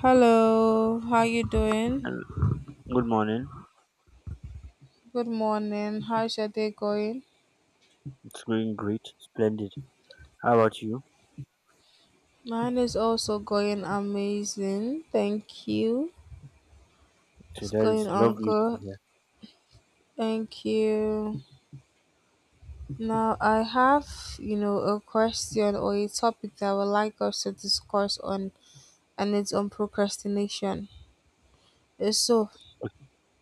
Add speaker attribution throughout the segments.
Speaker 1: Hello, how you doing?
Speaker 2: And good morning.
Speaker 1: Good morning. How's your day going?
Speaker 2: It's going great, splendid. How about you?
Speaker 1: Mine is also going amazing. Thank you.
Speaker 2: Okay,
Speaker 1: It's
Speaker 2: that
Speaker 1: going
Speaker 2: is
Speaker 1: on
Speaker 2: lovely to
Speaker 1: good.
Speaker 2: hear.
Speaker 1: Thank you. Now I have, a question or a topic that I would like us to discuss on, and it's on procrastination. So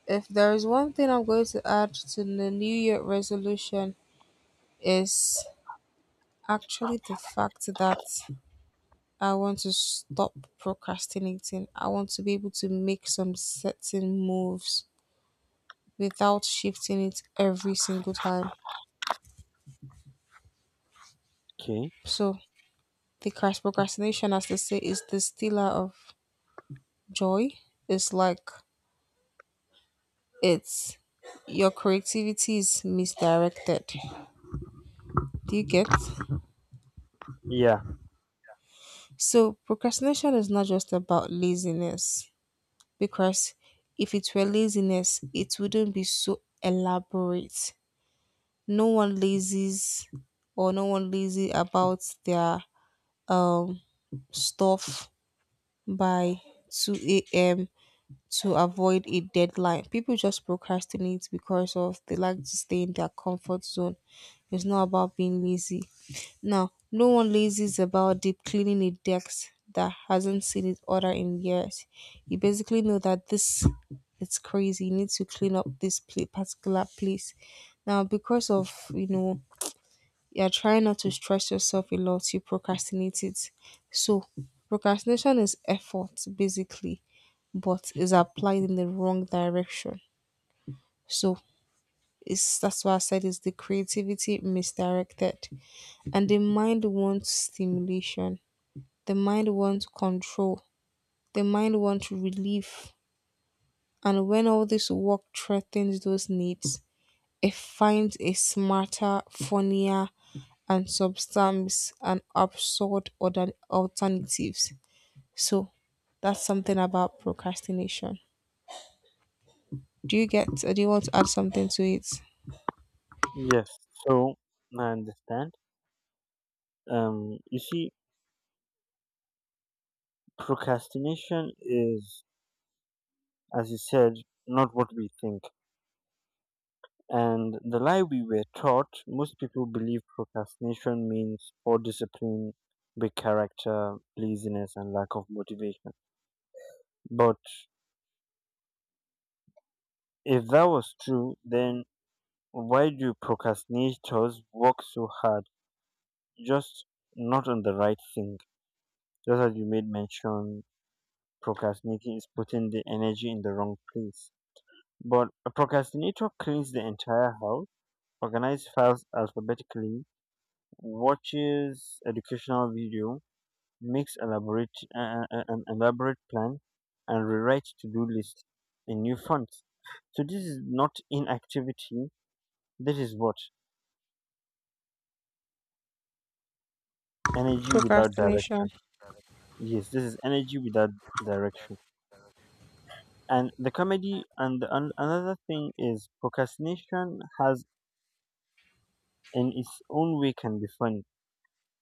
Speaker 1: if there is one thing I'm going to add to the new year resolution is actually the fact that I want to stop procrastinating. I want to be able to make some certain moves without shifting it every single time.
Speaker 2: Okay.
Speaker 1: So procrastination, as they say, is the stealer of joy. It's like it's your creativity is misdirected. Do you get?
Speaker 2: Yeah.
Speaker 1: So procrastination is not just about laziness, because if it were laziness, it wouldn't be so elaborate. No one lazies, or no one lazy about their um stuff by 2 a.m. to avoid a deadline. People just procrastinate because of they like to stay in their comfort zone. It's not about being lazy. Now, no one lazies about deep cleaning a desk that hasn't seen its order in years. You basically know that this it's crazy. You need to clean up this particular place. Now, because of you're trying not to stress yourself a lot, you procrastinate it. So, procrastination is effort basically, but is applied in the wrong direction. So, that's why I said it's the creativity misdirected. And the mind wants stimulation, the mind wants control, the mind wants relief. And when all this work threatens those needs, it finds a smarter, funnier, and substance and absurd other alternatives. So that's something about procrastination. Do you get, or do you want to add something to it?
Speaker 2: Yes. So I understand. You see, procrastination is, as you said, not what we think. And the lie we were taught, most people believe procrastination means poor discipline, big character, laziness, and lack of motivation. But if that was true, then why do procrastinators work so hard? Just not on the right thing. Just as you made mention, procrastinating is putting the energy in the wrong place. But a procrastinator cleans the entire house, organizes files alphabetically, watches educational video, makes elaborate an elaborate plan, and rewrites to-do list in new font. So this is not inactivity. This is what? Energy without
Speaker 1: Procrastination.
Speaker 2: direction. Yes, this is energy without direction. And the comedy and the, an another thing is procrastination has in its own way can be funny,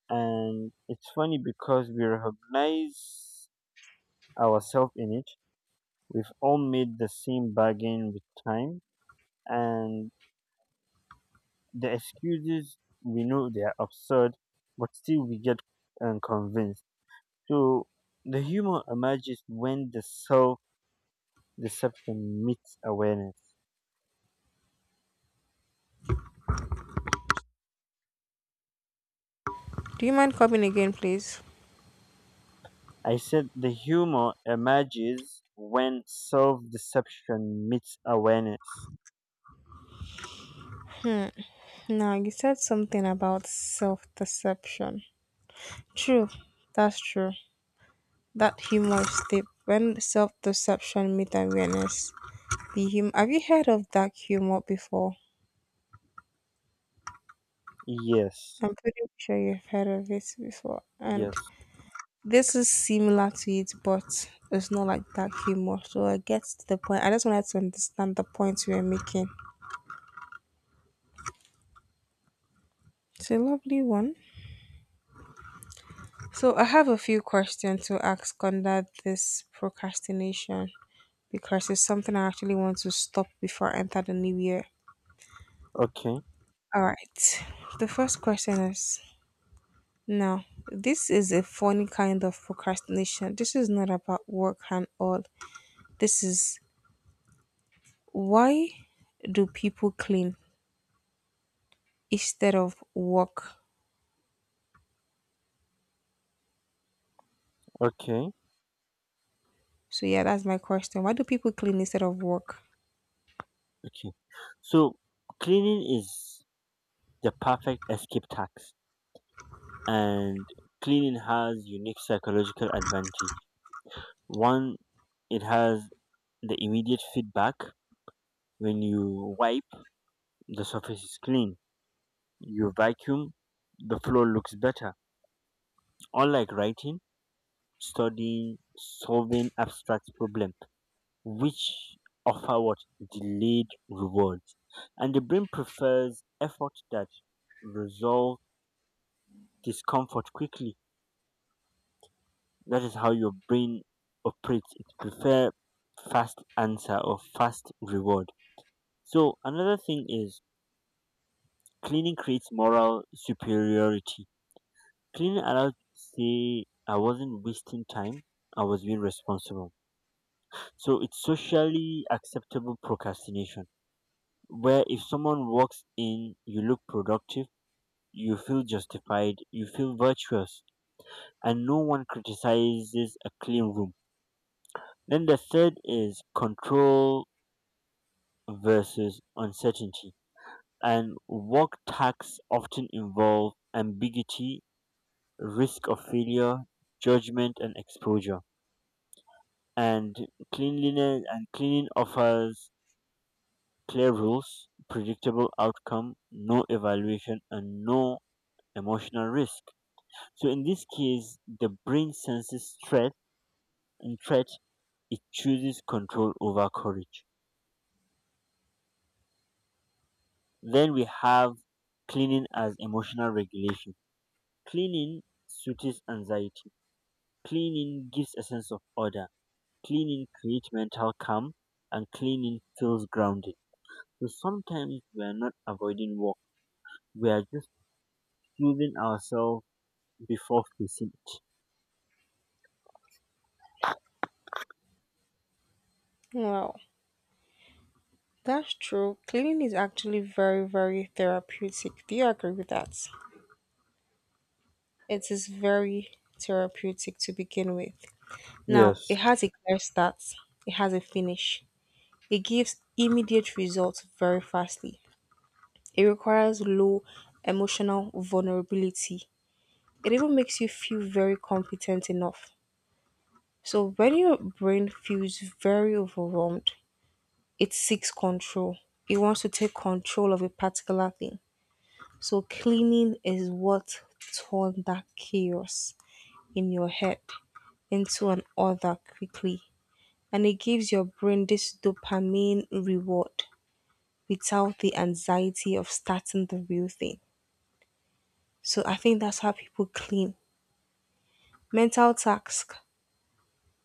Speaker 2: and it's funny because we recognize ourselves in it. We've all made the same bargain with time, and the excuses, we know they are absurd, but still we get convinced. So the humor emerges when the self deception meets awareness.
Speaker 1: Do you mind coming again, please?
Speaker 2: I said the humor emerges when self deception meets awareness.
Speaker 1: Hmm. Now you said something about self-deception. True. That's true. That humorous tip. When self-deception meets awareness, the hum. Have you heard of dark humor before?
Speaker 2: Yes,
Speaker 1: I'm pretty sure you've heard of it before. And
Speaker 2: yes.
Speaker 1: this is similar to it, but it's not like that humor. So I get to the point. I just wanted to understand the point you were making. It's a lovely one. So I have a few questions to ask under this procrastination because it's something I actually want to stop before I enter the new year.
Speaker 2: Okay,
Speaker 1: All right. The first question is, now, this is a funny kind of procrastination. This is not about work and all. This is, why do people clean? Instead of work.
Speaker 2: okay,
Speaker 1: So yeah, that's my question. Why do people clean instead of work?
Speaker 2: okay. So cleaning is the perfect escape tax, and cleaning has unique psychological advantage. One, it has the immediate feedback. When you wipe, the surface is clean. You vacuum, the floor looks better. Unlike writing, studying, solving abstract problem, which offer what? Delayed rewards. And the brain prefers effort that resolve discomfort quickly. That is how your brain operates. It prefer fast answer or fast reward. So another thing is cleaning creates moral superiority. Cleaning allows you to say I wasn't wasting time, I was being responsible. So it's socially acceptable procrastination, where if someone walks in, you look productive, you feel justified, you feel virtuous, and no one criticizes a clean room. Then the third is control versus uncertainty. And work tasks often involve ambiguity, risk of failure, judgment, and exposure. And cleanliness and cleaning offers clear rules, predictable outcome, no evaluation, and no emotional risk. So in this case, the brain senses threat, and threat, it chooses control over courage. Then we have cleaning as emotional regulation. Cleaning soothes anxiety. Cleaning gives a sense of order. Cleaning creates mental calm, and cleaning feels grounded. So sometimes we are not avoiding work. We are just choosing ourselves before facing it.
Speaker 1: Wow, that's true. Cleaning is actually very, very therapeutic. Do you agree with that? It is very therapeutic to begin with. Now,
Speaker 2: Yes.
Speaker 1: it has a clear start, it has a finish. It gives immediate results very fastly. It requires low emotional vulnerability. It even makes you feel very competent enough. So, when your brain feels very overwhelmed, it seeks control. It wants to take control of a particular thing. So cleaning is what turned that chaos in your head into an order quickly. And it gives your brain this dopamine reward without the anxiety of starting the real thing. So I think that's how people clean. Mental tasks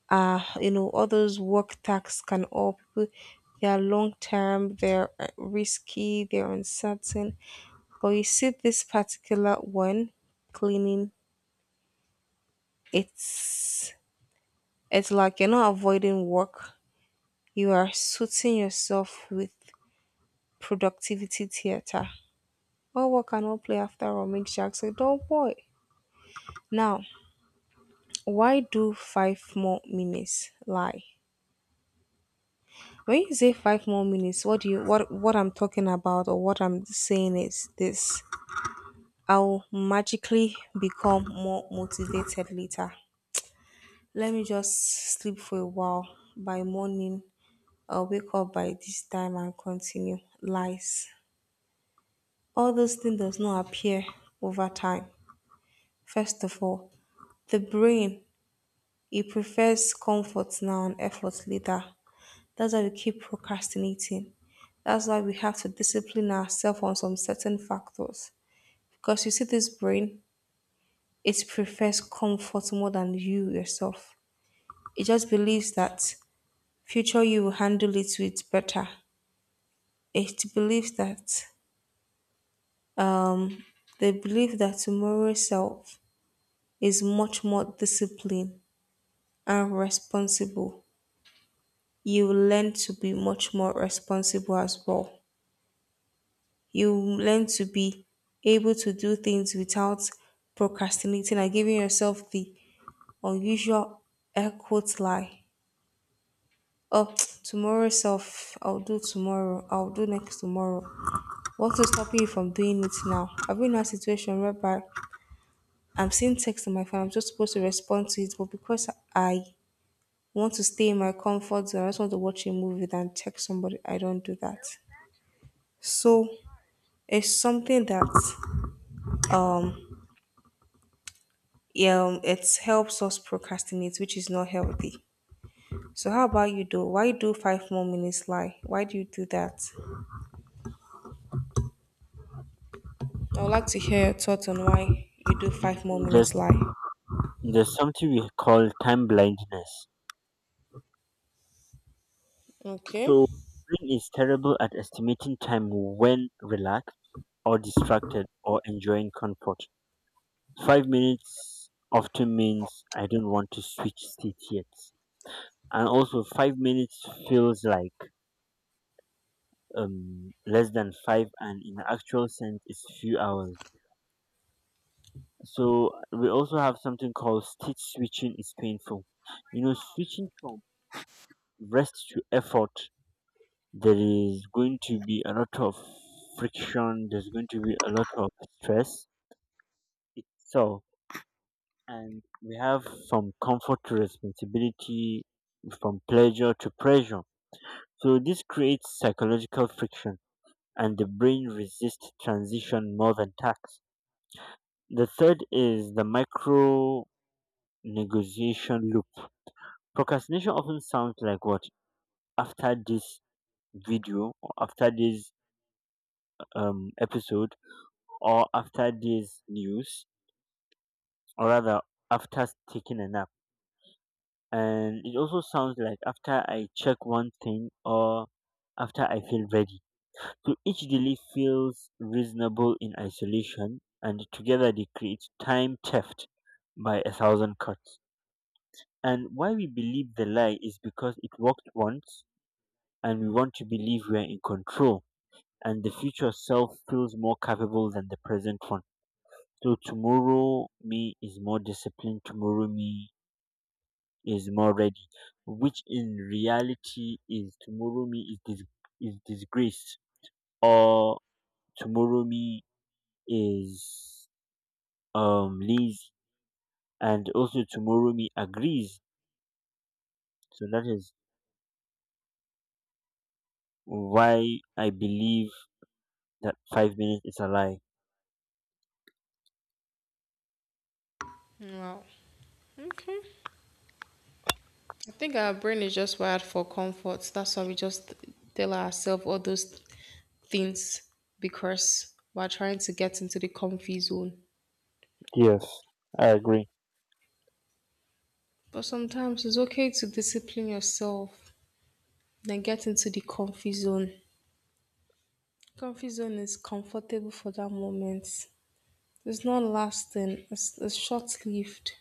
Speaker 1: are, all those work tasks can all people, they are long term, they're risky, they're uncertain. But you see this particular one cleaning, it's it's like you're not avoiding work. You are suiting yourself with productivity theater. All work and all play after all, Mick Jackson. Don't boy. Now, why do five more minutes lie? When you say five more minutes, what I'm talking about, or what I'm saying is this. I'll magically become more motivated later. Let me just sleep for a while. By morning, I'll wake up by this time and continue. Lies. All those things does not appear over time. First of all, the brain, it prefers comfort now and effort later. That's why we keep procrastinating. That's why we have to discipline ourselves on some certain factors. Because you see, this brain, it prefers comfort more than you yourself. It just believes that future you will handle it with better. It believes that um, they believe that tomorrow's self is much more disciplined and responsible. You will learn to be much more responsible as well. You will learn to be able to do things without procrastinating and giving yourself the unusual air quote lie. Oh, tomorrow's self, I'll do tomorrow, I'll do next tomorrow. What is stopping you from doing it now? Have you in a situation whereby I'm seeing text on my phone. I'm just supposed to respond to it, but because I want to stay in my comfort zone, I just want to watch a movie than text somebody. I don't do that. So it's something that um yeah it helps us procrastinate, which is not healthy. So how about you do? Why do five more minutes lie? Why do you do that? I would like to hear your thoughts on why you do five more
Speaker 2: There's
Speaker 1: minutes lie.
Speaker 2: there's something we call time blindness.
Speaker 1: Okay.
Speaker 2: So brain is terrible at estimating time when relaxed or distracted or enjoying comfort. 5 minutes often means I don't want to switch seats yet. And also 5 minutes feels like less than five, and in actual sense it's few hours. So we also have something called state switching is painful. You know, switching from rest to effort, there is going to be a lot of friction, there's going to be a lot of stress. So and we have from comfort to responsibility, from pleasure to pressure. So this creates psychological friction, and the brain resists transition more than tax. The third is the micro negotiation loop. Procrastination often sounds like what? After this video, or after this episode, or after this news, or rather after taking a nap. And it also sounds like after I check one thing, or after I feel ready. So each delay feels reasonable in isolation, and together they create time theft by a thousand cuts. And why we believe the lie is because it worked once, and we want to believe we are in control, and the future self feels more capable than the present one. So tomorrow me is more disciplined. Tomorrow me is more ready, which in reality is tomorrow me is is disgraced, or tomorrow me is lazy, and also tomorrow me agrees. So that is why I believe that 5 minutes is a lie.
Speaker 1: Wow. Okay. I think our brain is just wired for comfort. That's why we just tell ourselves all those things because we're trying to get into the comfy zone.
Speaker 2: Yes, I agree.
Speaker 1: But sometimes it's okay to discipline yourself, then get into the comfy zone. Comfy zone is comfortable for that moment. It's not lasting, it's short lived.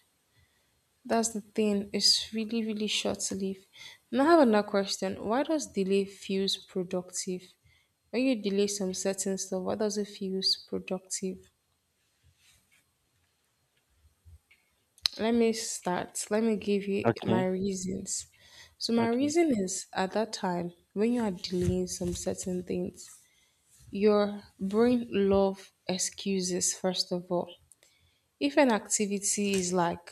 Speaker 1: That's the thing, it's really, really short lived. Now, I have another question. Why does delay feels productive? When you delay some certain stuff, what does it feels productive? Let me start. Let me give you my
Speaker 2: Okay.
Speaker 1: reasons. So my
Speaker 2: Okay.
Speaker 1: reason is at that time when you are delaying some certain things, your brain love excuses first of all. If an activity is like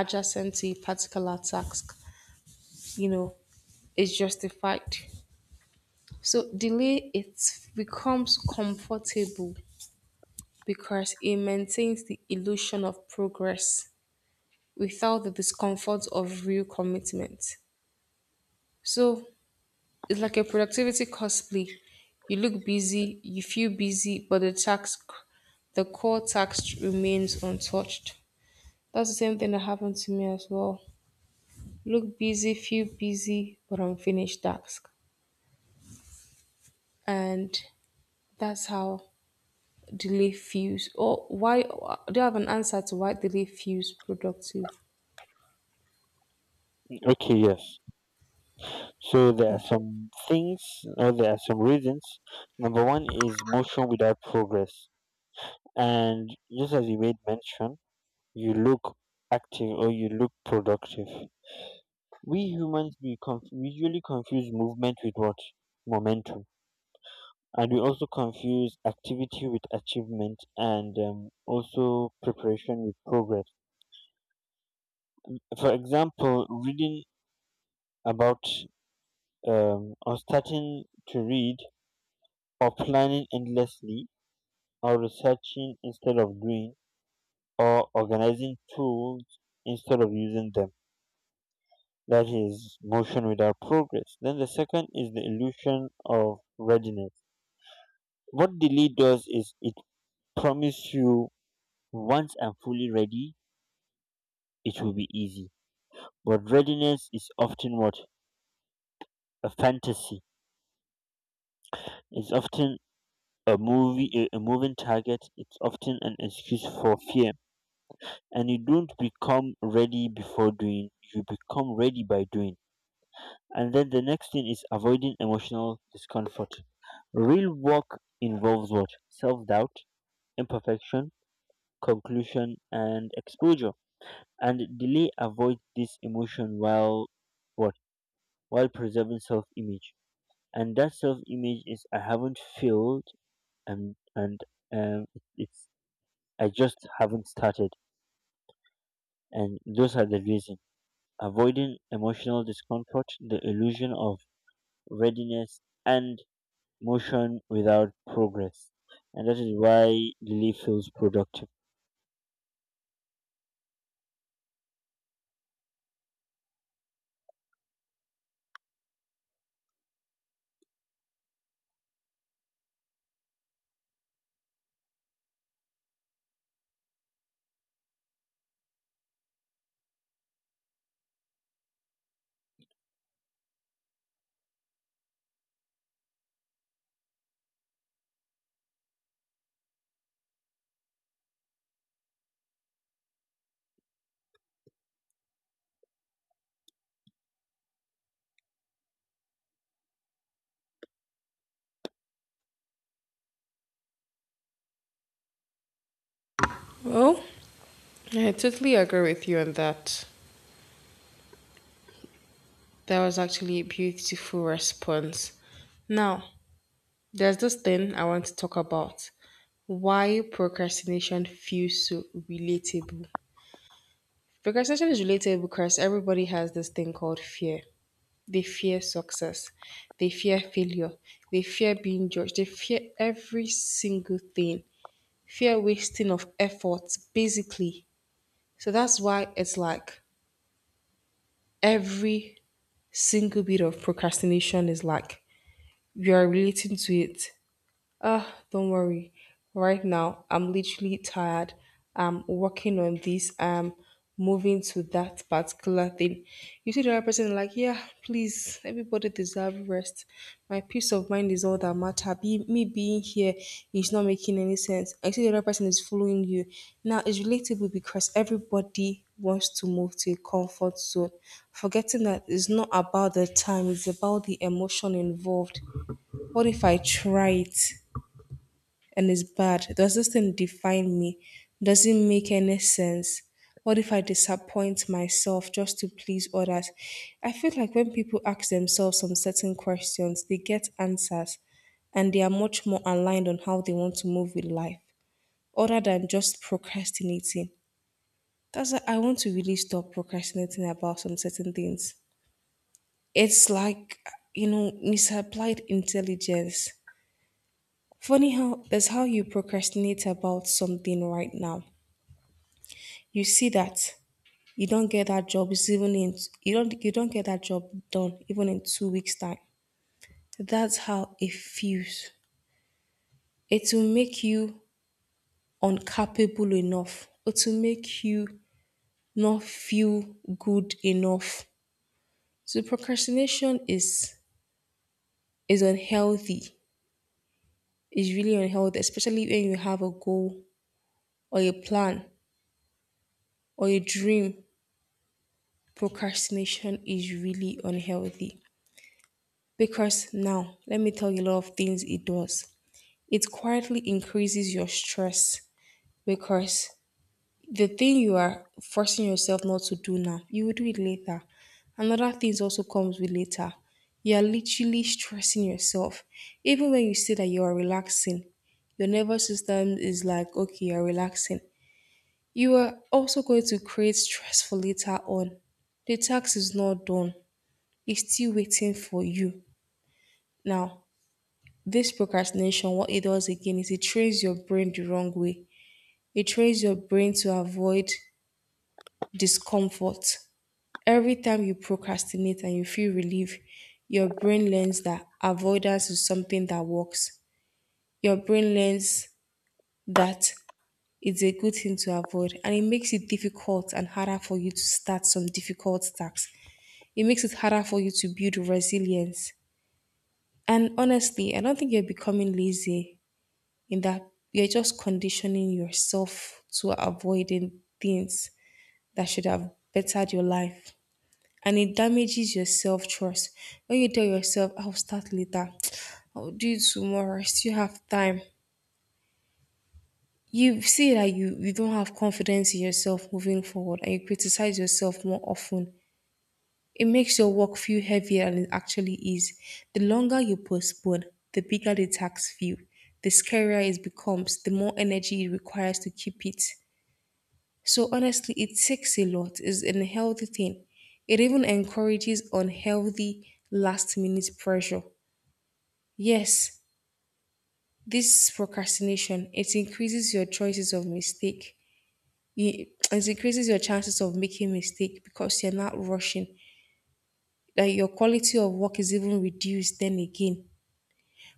Speaker 1: adjacent to a particular task, you know, is justified. So delay it becomes comfortable because it maintains the illusion of progress, without the discomfort of real commitment. So it's like a productivity cosplay. You look busy, you feel busy, but the task, the core task remains untouched. That's the same thing that happened to me as well. Look busy, feel busy, but unfinished task. And that's how delay feels. Or why do you have an answer to why delay feels productive?
Speaker 2: Okay, yes. So there are
Speaker 1: Okay.
Speaker 2: some things or there are some reasons. Number one is motion without progress. And just as you made mention, you look active or you look productive. We humans, we usually confuse movement with what? Momentum. And we also confuse activity with achievement, and also preparation with progress. For example, reading about, or starting to read, or planning endlessly, or researching instead of doing, or organizing tools instead of using them. That is motion without progress. Then the second is the illusion of readiness. What delay does is it promises you once I'm fully ready, it will be easy. But readiness is often what? A fantasy. It's often a moving target. It's often an excuse for fear. And you don't become ready before doing, you become ready by doing. And then the next thing is avoiding emotional discomfort. Real work involves what? Self doubt, imperfection, conclusion, and exposure. And delay avoids this emotion while what? While preserving self-image. And that self-image is I haven't failed, and um, it's I just haven't started. And those are the reasons. Avoiding emotional discomfort, the illusion of readiness, and motion without progress. And that is why delay feels productive.
Speaker 1: Well, I totally agree with you on that. That was actually a beautiful response. Now, there's this thing I want to talk about. Why procrastination feels so relatable. Procrastination is relatable because everybody has this thing called fear. They fear success. They fear failure. They fear being judged. They fear every single thing. Fear wasting of effort, basically. So that's why it's like every single bit of procrastination is like you are relating to it. Uh, don't worry. Right now, I'm literally tired. I'm working on this. I'm moving to that particular thing. You see the other person like, yeah, please, everybody deserve rest. My peace of mind is all that matter. Me being here is not making any sense. I see the other person is following you. Now, it's relatable because everybody wants to move to a comfort zone. Forgetting that it's not about the time, it's about the emotion involved. What if I try it, and it's bad. Does this thing define me? Does it make any sense? What if I disappoint myself just to please others? I feel like when people ask themselves some certain questions, they get answers and they are much more aligned on how they want to move with life other than just procrastinating. That's why I want to really stop procrastinating about some certain things. It's like, misapplied intelligence. Funny how that's how you procrastinate about something right now. You see that you don't get that job is even in you don't get that job done even in 2 weeks time. That's how it feels. It will make you incapable enough, it will make you not feel good enough. So procrastination is unhealthy. It's really unhealthy, especially when you have a goal or a plan or a dream. Procrastination is really unhealthy because, now let me tell you a lot of things it does. It quietly increases your stress, because the thing you are forcing yourself not to do now, you will do it later. Another thing also comes with later. You are literally stressing yourself. Even when you say that you are relaxing, your nervous system is like, okay, you're relaxing. You are also going to create stress for later on. The tax is not done, it's still waiting for you. Now, this procrastination, what it does again is it trains your brain the wrong way. It trains your brain to avoid discomfort. Every time you procrastinate and you feel relief, your brain learns that avoidance is something that works. Your brain learns that it's a good thing to avoid, and it makes it difficult and harder for you to start some difficult tasks. It makes it harder for you to build resilience. And honestly, I don't think you're becoming lazy in that you're just conditioning yourself to avoiding things that should have bettered your life. And it damages your self trust. When you tell yourself, I'll start later, I'll do it tomorrow, I still have time. You see that you don't have confidence in yourself moving forward and you criticize yourself more often. It makes your work feel heavier than it actually is. The longer you postpone, the bigger the tax feel, the scarier it becomes, the more energy it requires to keep it. So honestly, it takes a lot. It's a healthy thing. It even encourages unhealthy last minute pressure. Yes, this procrastination, it increases your choices of mistake. It increases your chances of making mistake because you're not rushing. That your quality of work is even reduced then again.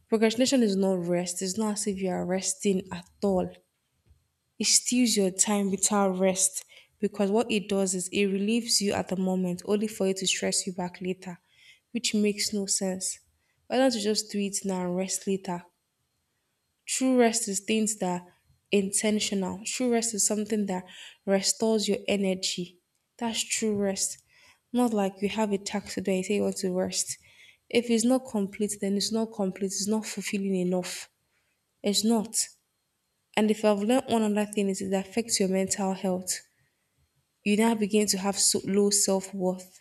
Speaker 1: Procrastination is not rest. It's not as if you are resting at all. It steals your time without rest because what it does is it relieves you at the moment only for it to stress you back later, which makes no sense. Why don't you just do it now and rest later? True rest is things that are intentional. True rest is something that restores your energy. That's true rest. Not like you have a task today, you say you want to rest. If it's not complete, then it's not complete, it's not fulfilling enough. It's not. And if I've learned one other thing is it affects your mental health. You now begin to have so low self worth.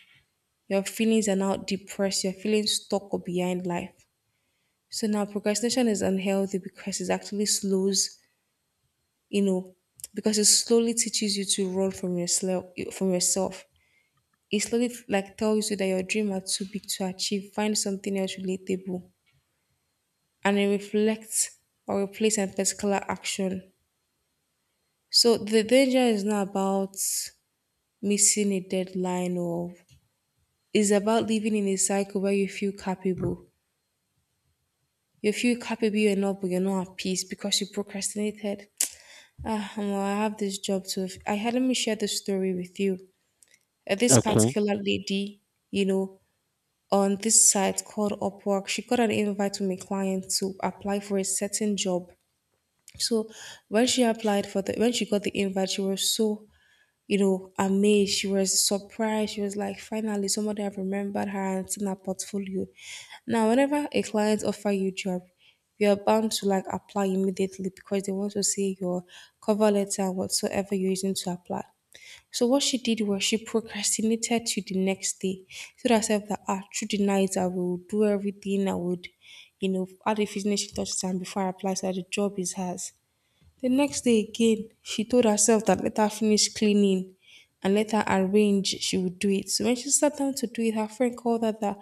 Speaker 1: Your feelings are now depressed. You're feeling stuck or behind life. So now procrastination is unhealthy because it actually you know, because it slowly teaches you to run from yourself. From yourself, it slowly like tells you that your dream are too big to achieve. Find something else relatable, and it reflects or replace a particular action. So the danger is not about missing a deadline or it's about living in a cycle where you feel capable. You feel capable enough, but you're not at peace because you procrastinated. Ah, well, I have this job too. I had let me share this story with you. This
Speaker 2: Okay.
Speaker 1: particular lady, you know, on this site called Upwork, she got an invite from a client to apply for a certain job. So when she applied for the when she got the invite, she was so amazed. She was surprised. She was like, finally, somebody have remembered her and seen her portfolio. Now, whenever a client offer you job, you're bound to like apply immediately because they want to see your cover letter and whatsoever you're using to apply. So what she did was she procrastinated to the next day. She told herself that ah, through the night I will do everything I would, add the finishing touches and before I apply so that the job is hers. The next day again, she told herself that let her finish cleaning and let her arrange, she would do it. So when she sat down to do it, her friend called her that,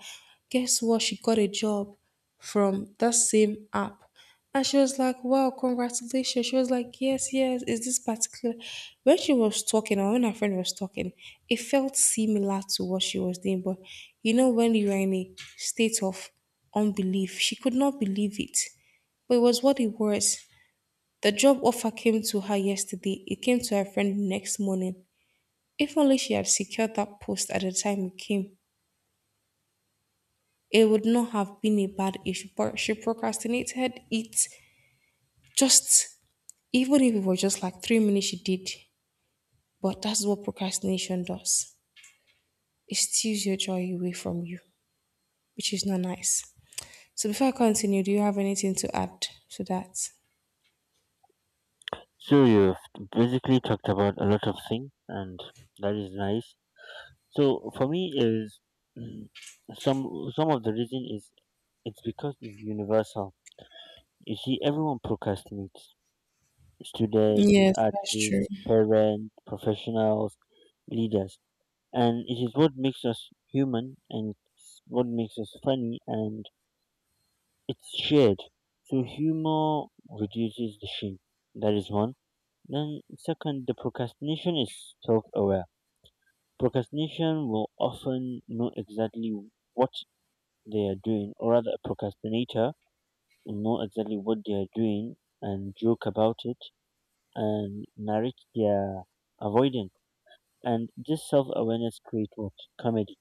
Speaker 1: guess what? She got a job from that same app. And she was like, wow, congratulations. She was like, yes, yes, is this particular? When she was talking, or when her friend was talking, it felt similar to what she was doing. But when you are in a state of unbelief, she could not believe it. But it was what it was. The job offer came to her yesterday. It came to her friend next morning. If only she had secured that post at the time it came, it would not have been a bad issue. But she procrastinated it just, even if it was just like 3 minutes, she did. But that's what procrastination does it steals your joy away from you, which is not nice. So before I continue, do you have anything to add to that?
Speaker 2: So you've basically talked about a lot of things, and that is nice. So for me is mm, some some of the reason is it's because it's universal. You see, everyone procrastinates: students,
Speaker 1: Yes, that's true.
Speaker 2: artists, parents, professionals, leaders, and it is what makes us human and it's what makes us funny, and it's shared. So humor reduces the shame. That is one. Then second, the procrastination is self-aware. Procrastination will often know exactly what they are doing, or rather, a procrastinator will know exactly what they are doing and joke about it and narrate their avoidance. And this self-awareness creates what? Comedy.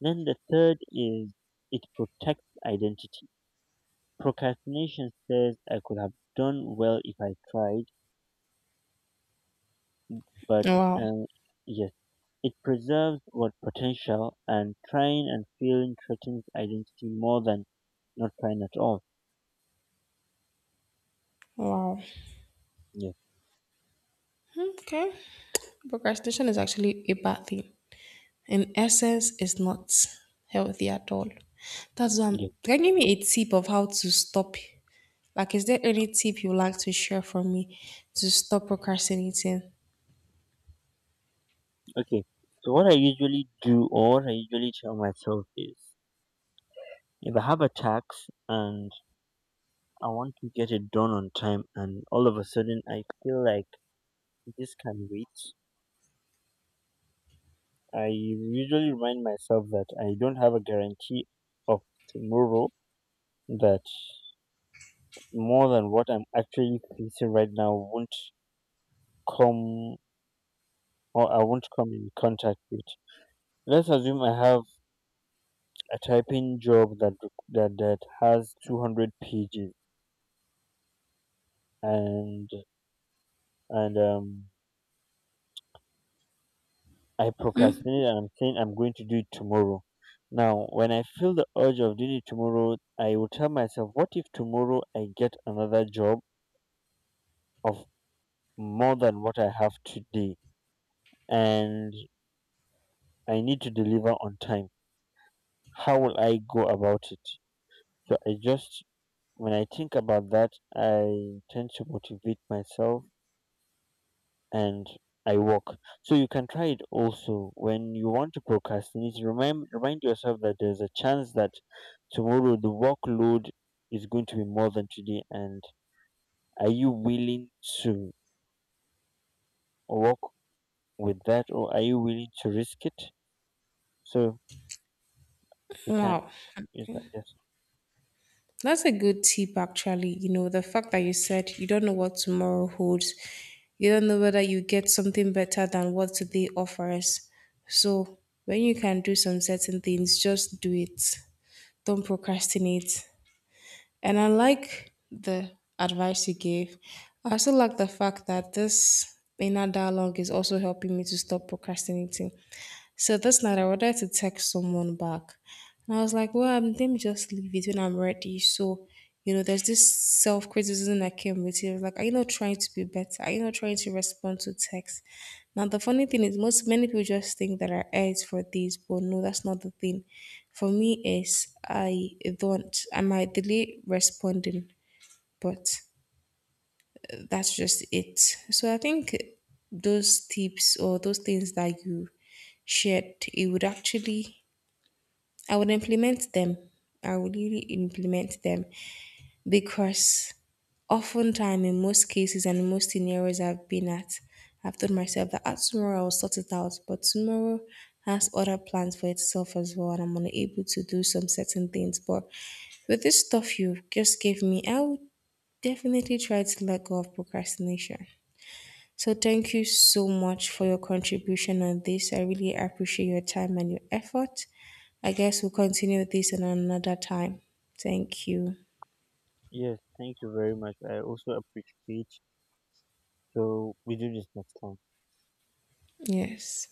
Speaker 2: Then the third is it protects identity. Procrastination says I could have done well if I tried, but
Speaker 1: Wow.
Speaker 2: um, yes, it preserves what? Potential. And trying and failing threatens identity more than not trying at all.
Speaker 1: Wow.
Speaker 2: Yes,
Speaker 1: Okay. Procrastination is actually a bad thing. In essence is not healthy at all. That's why I'm
Speaker 2: yes.
Speaker 1: can you give me a tip of how to stop like is there any tip you like to share for me to stop procrastinating?
Speaker 2: Okay. So what I usually do or what I usually tell myself is if I have a tax and I want to get it done on time and all of a sudden I feel like this can wait, I usually remind myself that I don't have a guarantee of tomorrow, that more than what I'm actually facing right now won't come or I won't come in contact with. Let's assume I have a typing job that that has 200 pages, and and I procrastinate and I'm saying I'm going to do it tomorrow. Now, when I feel the urge of doing it tomorrow, I will tell myself, what if tomorrow I get another job of more than what I have today and I need to deliver on time? How will I go about it? So I just, when I think about that, I tend to motivate myself and I work. So you can try it also when you want to procrastinate. Remind yourself that there's a chance that tomorrow the workload is going to be more than today. And are you willing to work with that, or are you willing to risk it? So we can
Speaker 1: Wow.
Speaker 2: use that. Yes.
Speaker 1: That's a good tip actually. You know, the fact that you said you don't know what tomorrow holds. You don't know whether you get something better than what today offers. So when you can do some certain things, just do it. Don't procrastinate. And I like the advice you gave. I also like the fact that this inner dialogue is also helping me to stop procrastinating. So this night I wanted to text someone back. And I was like, well, let me just leave it when I'm ready. So there's this self criticism that came with it. Like, are you not trying to be better? Are you not trying to respond to text? Now, the funny thing is, most many people just think that I edge for this, but no, that's not the thing. For me, is I don't. I might delay responding, but that's just it. So I think those tips or those things that you shared, it would actually, I would implement them. I would really implement them because oftentimes in most cases and in most scenarios I've been at, I've told myself that ah, tomorrow I'll sort it out, but tomorrow has other plans for itself as well, and I'm unable to do some certain things. But with this stuff you just gave me, I would definitely try to let go of procrastination. So thank you so much for your contribution on this. I really appreciate your time and your effort. I guess we'll continue this in another time. Thank you.
Speaker 2: Yes. Thank you very much. I also appreciate. So we do this next time.
Speaker 1: Yes.